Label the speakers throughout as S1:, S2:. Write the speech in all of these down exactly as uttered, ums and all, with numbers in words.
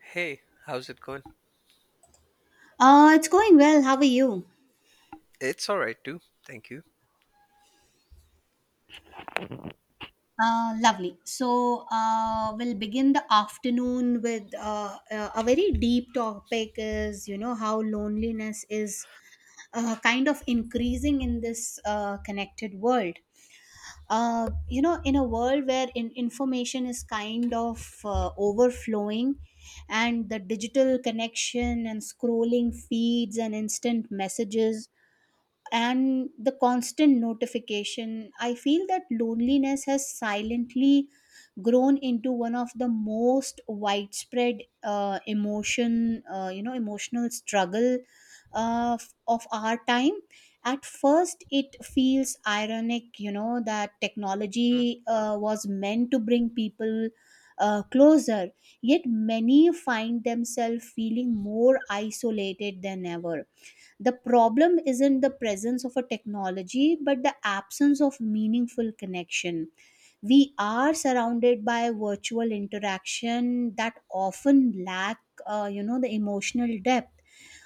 S1: Hey, how's it going?
S2: Uh, it's going well. How are you?
S1: It's all right too. Thank you.
S2: Uh, lovely. So, uh, we'll begin the afternoon with uh, uh, a very deep topic is, you know, how loneliness is uh, kind of increasing in this uh, connected world. Uh, you know, in a world where in- information is kind of uh, overflowing and the digital connection and scrolling feeds and instant messages and the constant notification, I feel that loneliness has silently grown into one of the most widespread uh, emotion, uh, you know, emotional struggle uh, f- of our time. At first, it feels ironic, you know, that
S1: Mm.
S2: technology uh, was meant to bring people uh, closer, yet many find themselves feeling more isolated than ever. The problem isn't the presence of a technology, but the absence of meaningful connection. We are surrounded by virtual interaction that often lack, uh, you know, the emotional depth.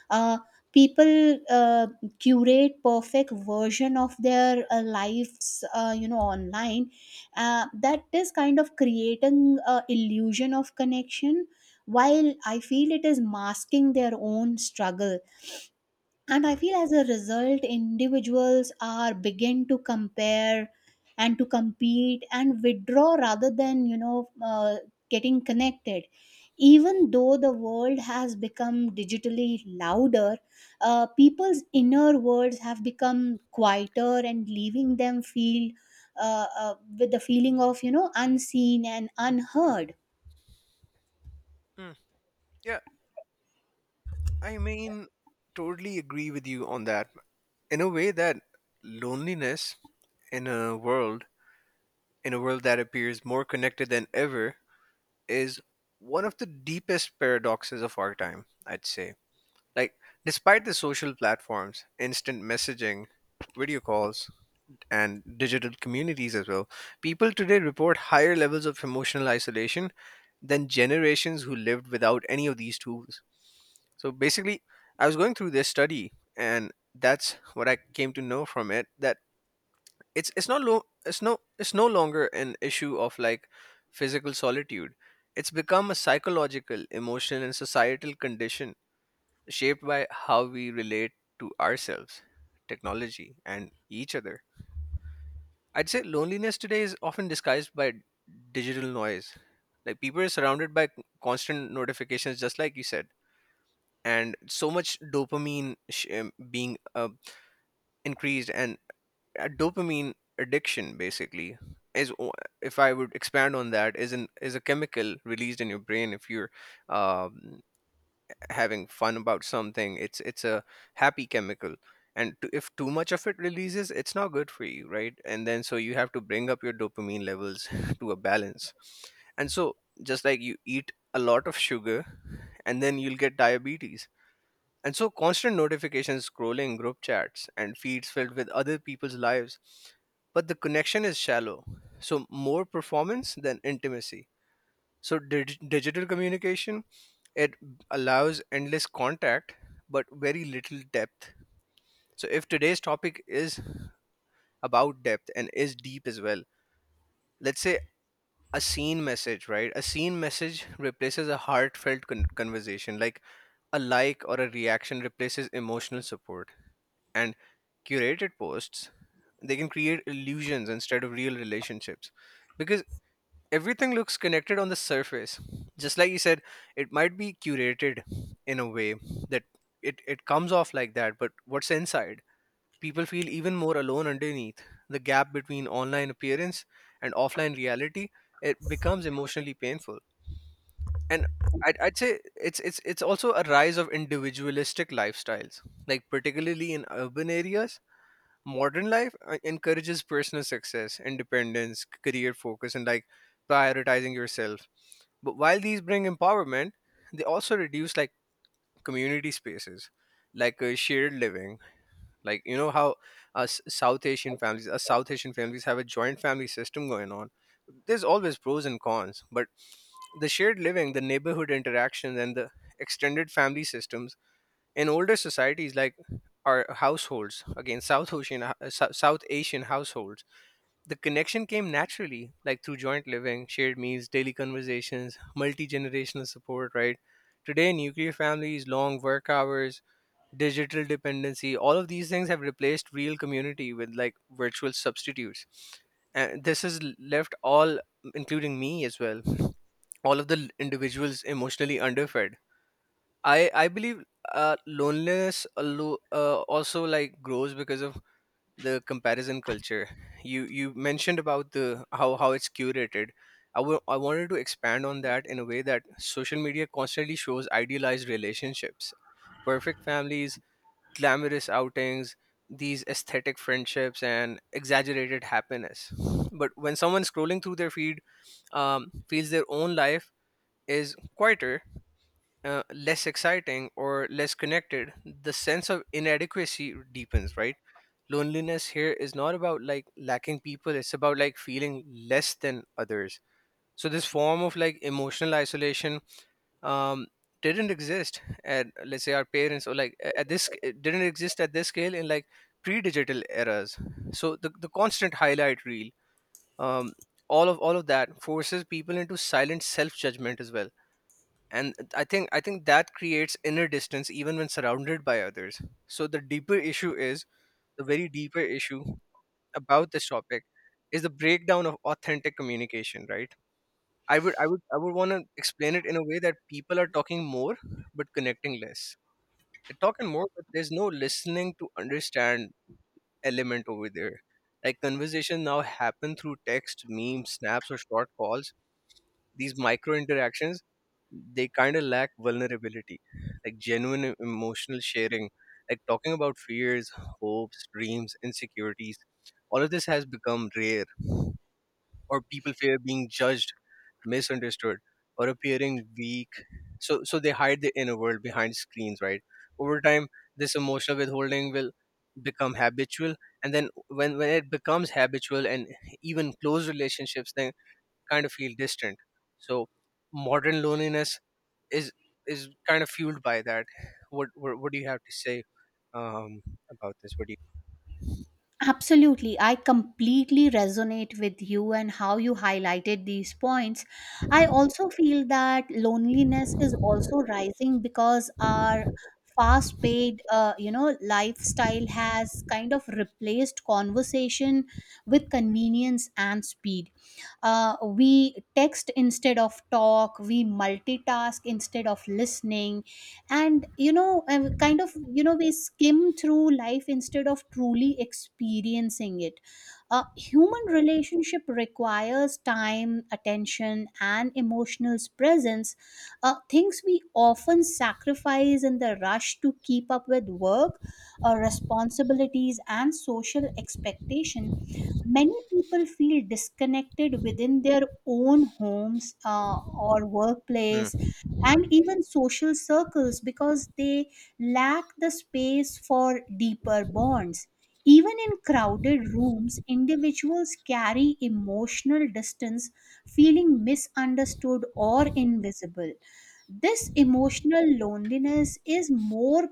S2: Uh, People uh, curate perfect version of their uh, lives, uh, you know, online. Uh, that is kind of creating a illusion of connection, while I feel it is masking their own struggle, and I
S1: Mm.
S2: feel as a result individuals are begin to compare and to compete and withdraw rather than you know uh, getting connected. Even though the world has become digitally louder, uh, people's inner worlds have become quieter and leaving them feel uh, uh, with the feeling of you know unseen and unheard.
S1: Mm. Yeah, I mean, totally agree with you on that. In a way that loneliness in a world, in a world that appears more connected than ever, is one of the deepest paradoxes of our time, I'd say. Like, despite the social platforms, instant messaging, video calls, and digital communities as well, people today report higher levels of emotional isolation than generations who lived without any of these tools. So basically, I was going through this study, and that's what I came to know from it that it's it's not lo- it's no it's no longer an issue of like physical solitude. It's become a psychological, emotional, and societal condition shaped by how we relate to ourselves, technology, and each other. I'd say loneliness today is often disguised by digital noise. Like people are surrounded by constant notifications, just like you said, and so much dopamine sh- um, being uh, increased, and a dopamine addiction basically is, o- if I would expand on that, is an is a chemical released in your brain if you're um having fun about something. It's it's a happy chemical, and t- if too much of it releases, it's not good for you, right? And then so you have to bring up your dopamine levels to a balance. And so, just like you eat a lot of sugar and then you'll get diabetes, and so constant notifications, scrolling, group chats, and feeds filled with other people's lives, but the connection is shallow, so more performance than intimacy. So dig- digital communication, it allows endless contact, but very little depth. So, if today's topic is about depth and is deep as well, let's say a scene message, right? A scene message replaces a heartfelt con- conversation, like a like or a reaction replaces emotional support. And curated posts, they can create illusions instead of real relationships. Because everything looks connected on the surface, just like you said, it might be curated in a way that it, it comes off like that, but what's inside, people feel even more alone underneath. The gap between online appearance and offline reality, it becomes emotionally painful. And I'd, I'd say it's it's it's also a rise of individualistic lifestyles, like particularly in urban areas. Modern life uh, encourages personal success, independence, career focus, and like prioritizing yourself. But while these bring empowerment, they also reduce like community spaces, like uh, shared living. Like you know how us South Asian families, us South Asian families have a joint family system going on. There's always pros and cons, but the shared living, the neighborhood interactions, and the extended family systems in older societies, like our households, again, South Asian South Asian households, the connection came naturally, like through joint living, shared meals, daily conversations, multi generational support, right? Today, nuclear families, long work hours, digital dependency, all of these things have replaced real community with like virtual substitutes. And this has left all, including me as well, all of the individuals emotionally underfed. I, I believe uh, loneliness alo- uh, also like grows because of the comparison culture. You you mentioned about the how how it's curated. I wa- I wanted to expand on that in a way that social media constantly shows idealized relationships, perfect families, glamorous outings, these aesthetic friendships, and exaggerated happiness. But when someone scrolling through their feed um, feels their own life is quieter, uh, less exciting, or less connected, the sense of inadequacy deepens, right? Loneliness here is not about like lacking people, it's about like feeling less than others. So this form of like emotional isolation um didn't exist at, let's say, our parents, or like a- at this, it didn't exist at this scale in like pre-digital eras. So the, the constant highlight reel, um all of all of that forces people into silent self-judgment as well. And i think i think that creates inner distance even when surrounded by others. So the deeper issue is the very deeper issue about this topic is the breakdown of authentic communication, right? I would I would I would want to explain it in a way that people are talking more but connecting less. They're talking more, but there's no listening to understand element over there. Like conversation now happen through text, memes, snaps, or short calls. These micro interactions, they kind of lack vulnerability, like genuine e- emotional sharing, like talking about fears, hopes, dreams, insecurities. All of this has become rare, or people fear being judged, misunderstood, or appearing weak. So so they hide the inner world behind screens, right? Over time, this emotional withholding will become habitual, and then when when it becomes habitual, and even close relationships then kind of feel distant. So modern loneliness is is kind of fueled by that. What what, what do you have to say um, about this? What do you?
S2: Absolutely. I completely resonate with you and how you highlighted these points. I also feel that loneliness is also rising because our fast paid uh, you know lifestyle has kind of replaced conversation with convenience and speed. Uh, we text instead of talk. We multitask instead of listening, and you know uh, kind of you know we skim through life instead of truly experiencing it. A human relationship requires time, attention and emotional presence, uh, things we often sacrifice in the rush to keep up with work, uh, responsibilities and social expectation. Many people feel disconnected within their own homes, uh, or workplace
S1: Mm.
S2: and even social circles because they lack the space for deeper bonds. Even in crowded rooms, individuals carry emotional distance, feeling misunderstood or invisible. This emotional loneliness is more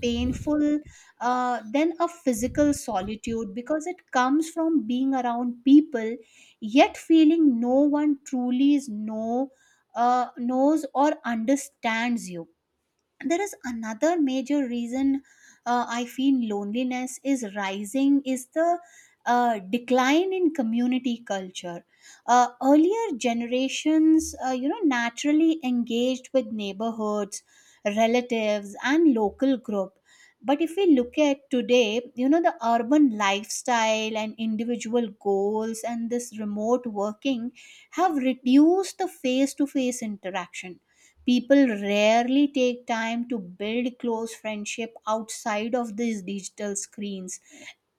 S2: painful uh, than a physical solitude because it comes from being around people yet feeling no one truly is know uh, knows or understands you. There is another major reason uh, I feel loneliness is rising is the uh, decline in community culture. Uh, earlier generations uh, you know naturally engaged with neighborhoods, relatives and local group. But if we look at today, you know, the urban lifestyle and individual goals and this remote working have reduced the face to face interaction. People rarely take time to build close friendship outside of these digital screens.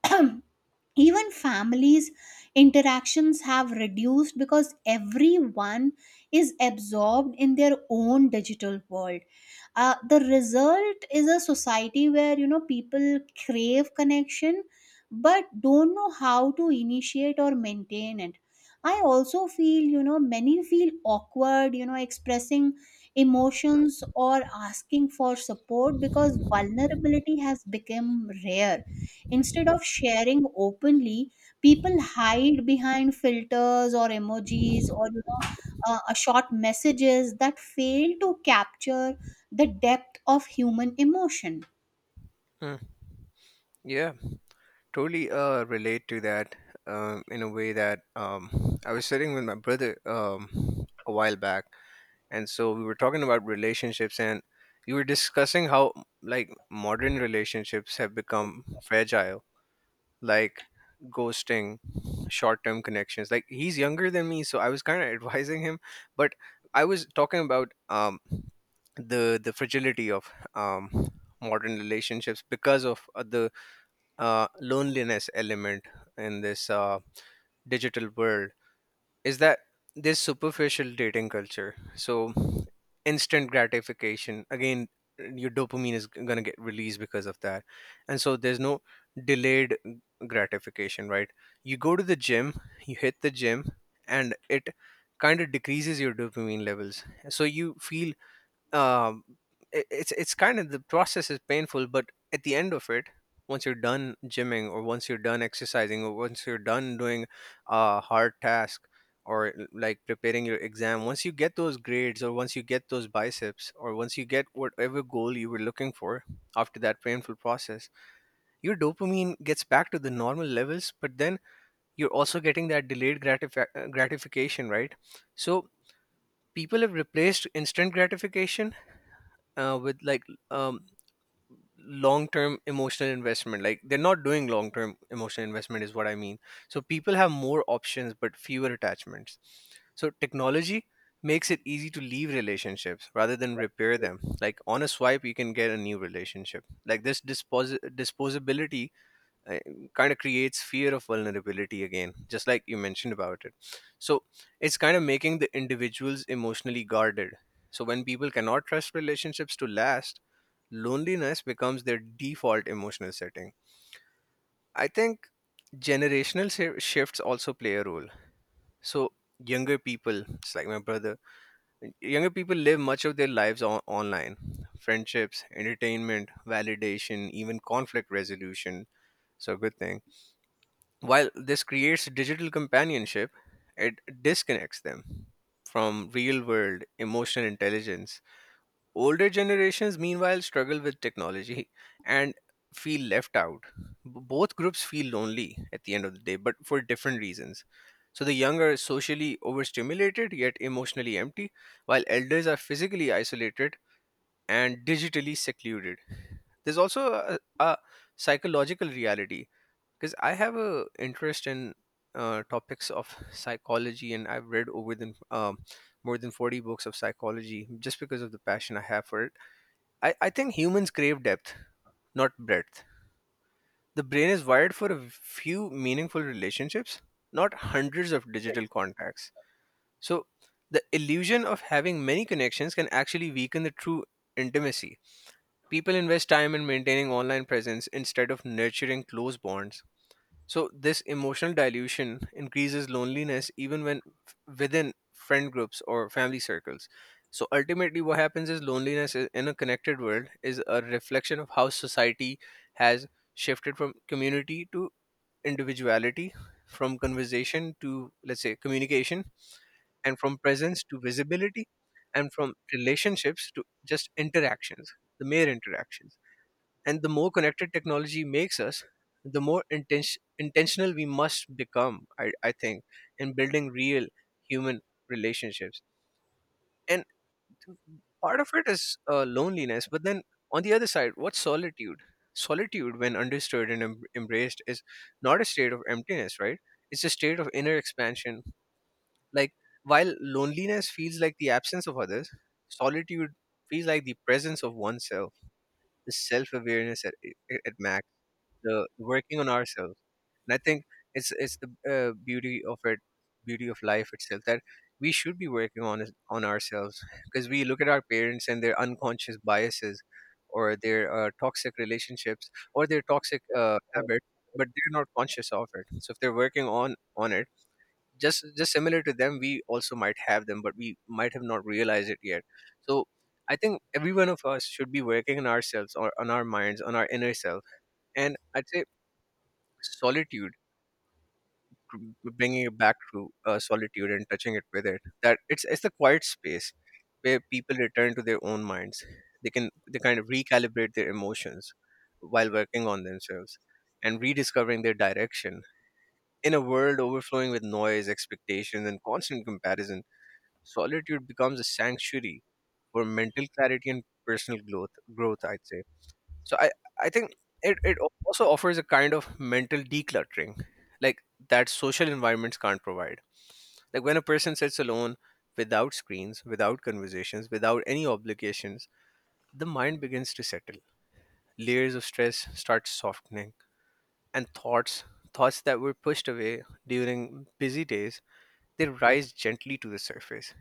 S2: Even families interactions have reduced because everyone is absorbed in their own digital world. Uh, the result is a society where you know people crave connection but don't know how to initiate or maintain it. I also feel you know many feel awkward you know expressing emotions or asking for support because vulnerability has become rare. Instead of sharing openly, people hide behind filters or emojis or you know uh, a short messages that fail to capture the depth of human emotion.
S1: Mm. Yeah. Totally uh, relate to that, um, in a way that, um, I was sitting with my brother, um, a while back, and so we were talking about relationships, and you were discussing how like modern relationships have become fragile, like ghosting, short-term connections. Like he's younger than me, so I was kind of advising him. But I was talking about, um, the the fragility of, um, modern relationships, because of uh, the uh, loneliness element in this uh, digital world, is that this superficial dating culture, so instant gratification again. Your dopamine is going to get released because of that, and so there's no delayed gratification, right? You go to the gym, you hit the gym, and it kind of decreases your dopamine levels. So you feel, um, it, it's it's kind of, the process is painful, but at the end of it, once you're done gymming, or once you're done exercising, or once you're done doing a hard task, or l- like preparing your exam, once you get those grades, or once you get those biceps, or once you get whatever goal you were looking for, after that painful process, your dopamine gets back to the normal levels. But then you're also getting that delayed gratifi- uh, gratification, right? So people have replaced instant gratification uh, with like, um, long term emotional investment. Like they're not doing long term emotional investment is what I mean. So people have more options but fewer attachments. So technology makes it easy to leave relationships rather than repair them. Like on a swipe, you can get a new relationship. Like this dispos- disposability, uh, kind of creates fear of vulnerability, again, just like you mentioned about it. So it's kind of making the individuals emotionally guarded. So when people cannot trust relationships to last, loneliness becomes their default emotional setting. I think generational shi- shifts also play a role. So younger people, it's like my brother, younger people live much of their lives on- online: friendships, entertainment, validation, even conflict resolution. So a good thing. While this creates digital companionship, it disconnects them from real world emotional intelligence. Older generations, meanwhile, struggle with technology and feel left out. B- Both groups feel lonely at the end of the day, but for different reasons. So the young are socially overstimulated yet emotionally empty, while elders are physically isolated and digitally secluded. There's also a, a psychological reality, because I have a interest in, uh, topics of psychology, and I've read over than um, more than forty books of psychology just because of the passion I have for it. I, I think humans crave depth, not breadth. The brain is wired for a few meaningful relationships, not hundreds of digital contacts. So the illusion of having many connections can actually weaken the true intimacy. People invest time in maintaining online presence instead of nurturing close bonds. So this emotional dilution increases loneliness even when f- within friend groups or family circles. So ultimately what happens is loneliness, i- in a connected world, is a reflection of how society has shifted from community to individuality, from conversation to, let's say, communication, and from presence to visibility, and from relationships to just interactions, the mere interactions. And the more connected technology makes us, the more inten- intentional we must become, I, I think, in building real human relationships. And part of it is uh, loneliness, but then on the other side, what's solitude? Solitude, when understood and em- embraced, is not a state of emptiness, right? It's a state of inner expansion. Like, while loneliness feels like the absence of others, solitude feels like the presence of oneself, the self awareness at, at at max, the the working on ourselves. And I think it's it's the uh, beauty of it, beauty of life itself that we should be working on is- on ourselves because we look at our parents and their unconscious biases or their uh, toxic relationships or their toxic uh, habits, but they're not conscious of it. So if they're working on on it, just just similar to them, we also might have them, but we might have not realized it yet. So I think every one of us should be working on ourselves or on our minds, on our inner self. And I'd say solitude to to bringing it back to uh, solitude and touching it with it that it's it's the quiet space where people return to their own minds. They can, they kind of recalibrate their emotions while working on themselves and rediscovering their direction in a world overflowing with noise, expectations, and constant comparison. Solitude becomes a sanctuary for mental clarity and personal growth growth I'd say. So I I think it it also offers a kind of mental decluttering, like, that social environments can't provide. Like when a person sits alone without screens, without conversations, without any obligations, the mind begins to settle. Layers of stress start softening, and thoughts thoughts that were pushed away during busy days, they rise gently to the surface.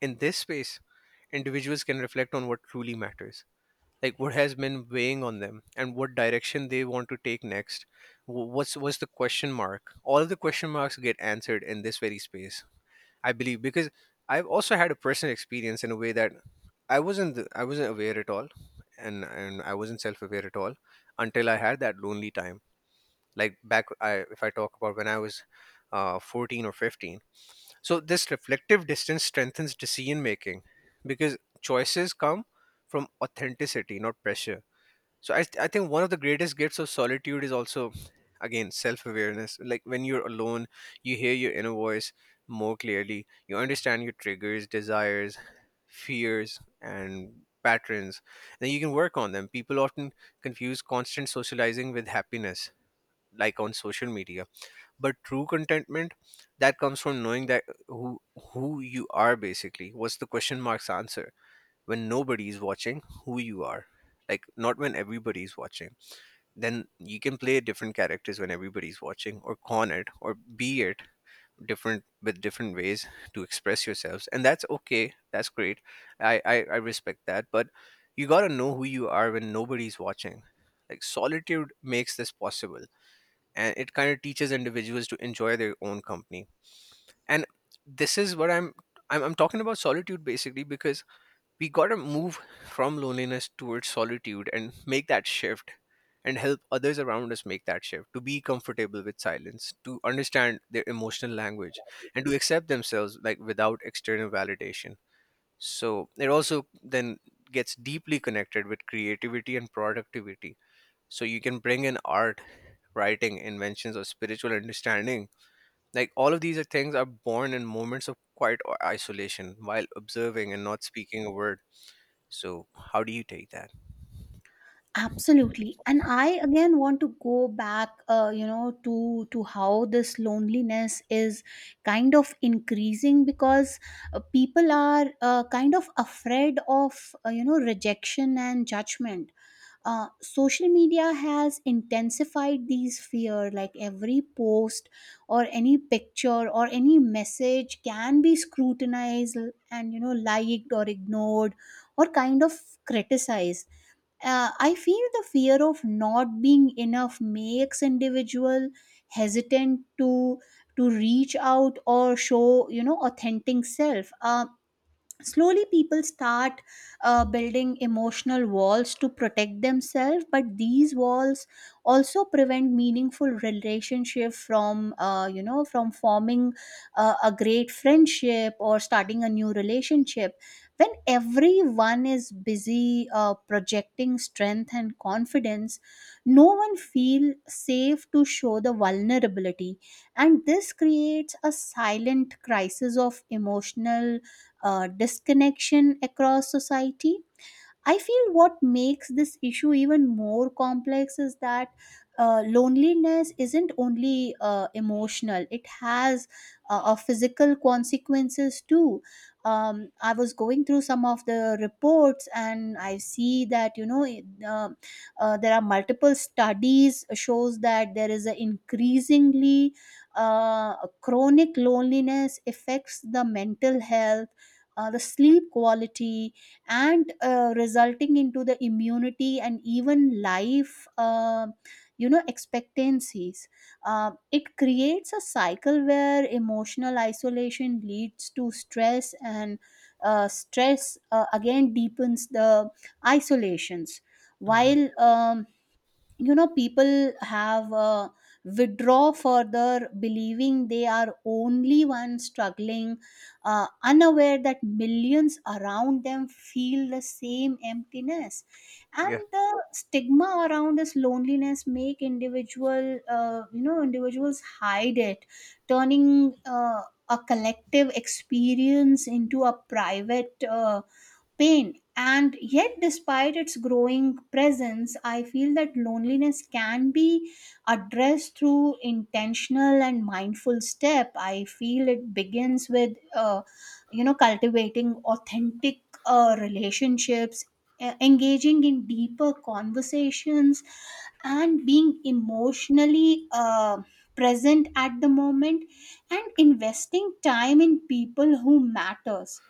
S1: In this space, individuals can reflect on what truly matters, like what has been weighing on them and what direction they want to take next. Wh- what's what's the question mark, all the question marks get answered in this very space, I believe, because I've also had a personal experience in a way that i wasn't i wasn't aware at all, and and I wasn't self-aware at all until I had that lonely time. Like, back, I, if I talk about when I was uh, fourteen or fifteen. So this reflective distance strengthens decision making because choices come from authenticity, not pressure. So I, I think one of the greatest gifts of solitude is also, again, self awareness. Like when you're alone, you hear your inner voice more clearly. You understand your triggers, desires, fears, and patterns. Then you can work on them. People often confuse constant socializing with happiness, like on social media. But true contentment, that comes from knowing that who who you are, basically. What's the question mark's answer when nobody is watching? Who you are, like, not when everybody is watching. Then you can play different characters when everybody's watching, or con it or be it, different with different ways to express yourselves, and that's okay, that's great. I i, I respect that, but you gotta know who you are when nobody's watching. Like, solitude makes this possible, and it kind of teaches individuals to enjoy their own company. And this is what i'm i'm, I'm talking about solitude, basically, because we gotta move from loneliness towards solitude and make that shift, and help others around us make that shift to be comfortable with silence, to understand their emotional language, and to accept themselves, like, without external validation. So it also then gets deeply connected with creativity and productivity. So you can bring in art, writing, inventions, or spiritual understanding. Like, all of these are things are born in moments of quiet or isolation while observing and not speaking a word. So how do you take that?
S2: Absolutely, and I again want to go back uh, you know to to how this loneliness is kind of increasing because uh, people are uh, kind of afraid of uh, you know rejection and judgment. Uh, social media has intensified these fear, like every post or any picture or any message can be scrutinized and you know liked or ignored or kind of criticized. uh, I feel the fear of not being enough makes individual hesitant to to reach out or show you know authentic self. Uh, slowly people start uh, building emotional walls to protect themselves, but these walls also prevent meaningful relationship from uh, you know from forming uh, a great friendship or starting a new relationship. When everyone is busy uh, projecting strength and confidence, no one feel safe to show the vulnerability, and this creates a silent crisis of emotional uh, disconnection across society. I feel what makes this issue even more complex is that uh, loneliness isn't only uh, emotional, it has uh, uh, physical consequences too. Um, I was going through some of the reports and I see that, you know, it, um uh, there are multiple studies shows that there is a increasingly uh, chronic loneliness affects the mental health, uh, the sleep quality, and uh, resulting into the immunity and even life uh, you know expectancies. Uh, it creates a cycle where emotional isolation leads to stress and uh, stress uh, again deepens the isolations,
S1: Hmm.
S2: while um, you know people have uh, withdraw further believing they are only one struggling, uh, unaware that millions around them feel the same emptiness,
S1: Yeah.
S2: and the stigma around this loneliness make individual uh, you know individuals hide it, turning uh, a collective experience into a private uh, pain. And yet, despite its growing presence, I feel that loneliness can be addressed through intentional and mindful step. I feel it begins with, uh, you know, cultivating authentic uh, relationships, e- engaging in deeper conversations, and being emotionally uh, present at the moment, and investing time in people who matters.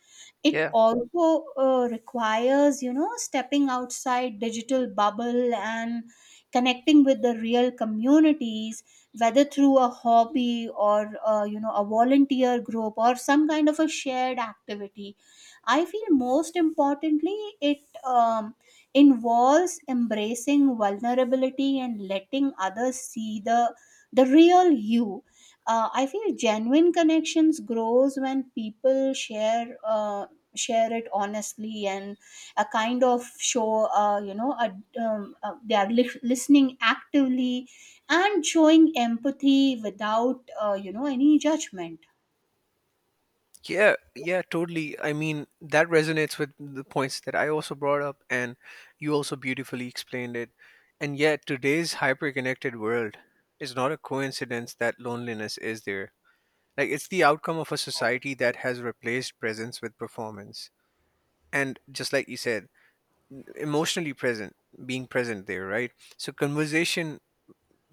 S2: It
S1: Yeah.
S2: also uh, requires you know stepping outside digital bubble and connecting with the real communities, whether through a hobby or uh, you know a volunteer group or some kind of a shared activity. I feel most importantly it um, involves embracing vulnerability and letting others see the the real you. uh, I feel genuine connections grows when people share uh, share it honestly and a kind of show uh, you know a, um, uh, they are lis- listening actively and showing empathy without uh, you know any judgment.
S1: Yeah. Yeah. Totally. I mean, that resonates with the points that I also brought up, and you also beautifully explained it. And yet, today's hyper connected world, is not a coincidence that loneliness is there. Like, it's the outcome of a society that has replaced presence with performance. And just like you said, emotionally present, being present there, right? So, conversation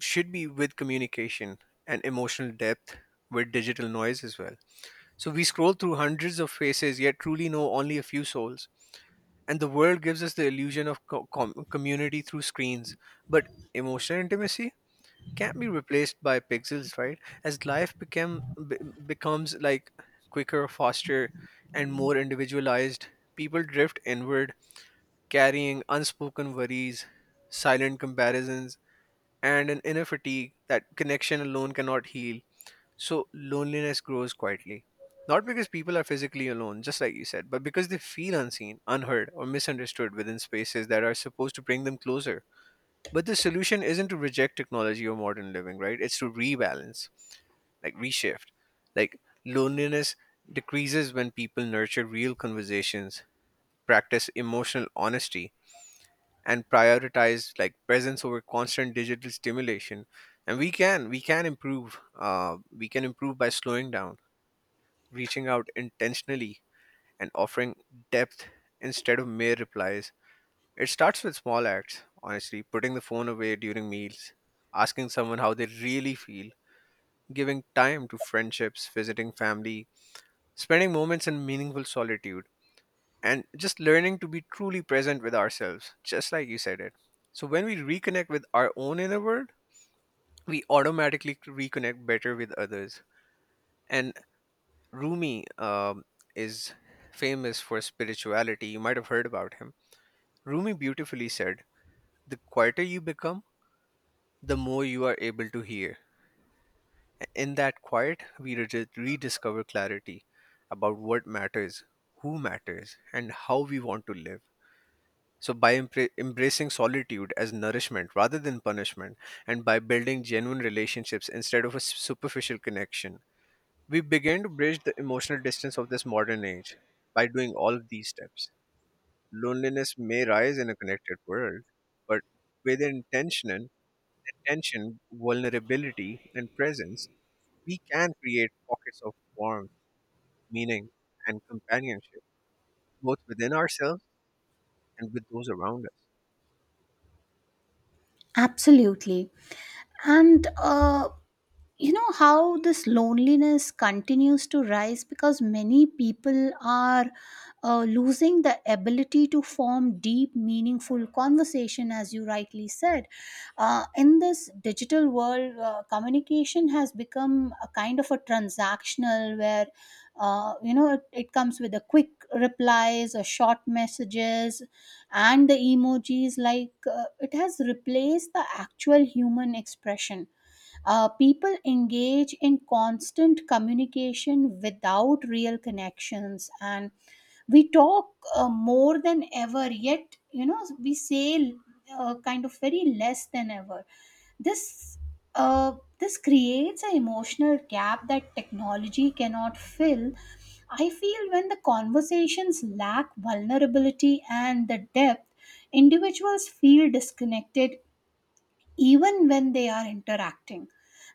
S1: should be with communication and emotional depth with digital noise as well. So we scroll through hundreds of faces, yet truly know only a few souls. And the world gives us the illusion of co- com- community through screens, but emotional intimacy can't be replaced by pixels, right? As life become be- becomes, like, quicker, faster, and more individualized, people drift inward, carrying unspoken worries, silent comparisons, and an inner fatigue that connection alone cannot heal. So loneliness grows quietly. Not because people are physically alone, just like you said, but because they feel unseen, unheard, or misunderstood within spaces that are supposed to bring them closer. But the solution isn't to reject technology or modern living, right? It's to rebalance, like, reshift. Like, loneliness decreases when people nurture real conversations, practice emotional honesty, and prioritize, like, presence over constant digital stimulation. And we can we can improve, uh, we can improve by slowing down, reaching out intentionally, and offering depth instead of mere replies. It starts with small acts, honestly, putting the phone away during meals, asking someone how they really feel, giving time to friendships, visiting family, spending moments in meaningful solitude, and just learning to be truly present with ourselves, just like you said it. So when we reconnect with our own inner world, we automatically reconnect better with others. And Rumi um, is famous for spirituality. You might have heard about him. Rumi beautifully said, "The quieter you become, the more you are able to hear." In that quiet, we re- rediscover clarity about what matters, who matters, and how we want to live. So, by empre- embracing solitude as nourishment rather than punishment, and by building genuine relationships instead of a s- superficial connection, we begin to bridge the emotional distance of this modern age. By doing all of these steps, loneliness may rise in a connected world, but with intention, intention, vulnerability, and presence, we can create pockets of warmth, meaning, and companionship, both within ourselves and with those around
S2: Absolutely. And uh, you know how this loneliness continues to rise because many people are uh, losing the ability to form deep meaningful conversation, as you rightly said. Uh, in this digital world, uh, communication has become a kind of a transactional where, uh, you know it, it comes with a quick replies or short messages, and the emojis, like uh, it has replaced the actual human expression. Uh, people engage in constant communication without real connections, and we talk uh, more than ever, yet you know we say uh, kind of very less than ever. this uh, this creates an emotional gap that technology cannot fill. I feel when the conversations lack vulnerability and the depth, individuals feel disconnected even when they are interacting.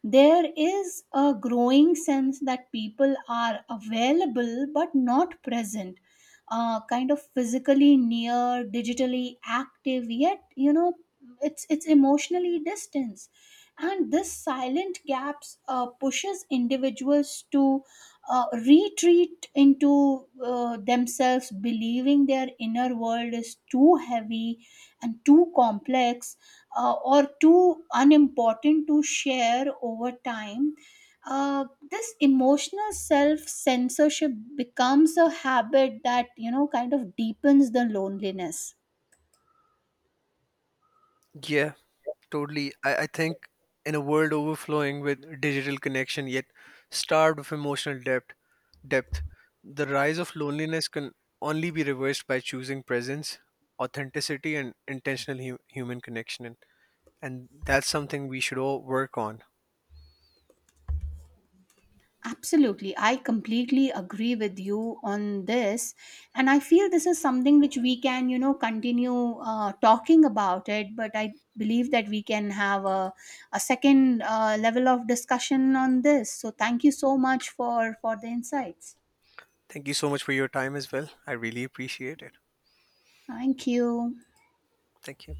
S2: There is a growing sense that people are available but not present, uh, kind of physically near, digitally active, yet, you know, it's, it's emotionally distance. And this silent gaps uh, pushes individuals to uh, retreat into uh, themselves, believing their inner world is too heavy and too complex uh, or too unimportant to share. Over time, uh, this emotional self censorship becomes a habit that you know kind of deepens the loneliness.
S1: us. Yeah, totally. I, I think in a world overflowing with digital connection yet starved of emotional depth, depth, the rise of loneliness can only be reversed by choosing presence, authenticity, and intentional hu- human connection. And, and that's something we should all work on.
S2: Absolutely, I completely agree with you on this, and I feel this is something which we can you know continue uh, talking about it. But I believe that we can have a, a second uh, level of discussion on this. So thank you so much for for the insights.
S1: Thank you so much for your time as well. I really appreciate it.
S2: Thank you.
S1: Thank you.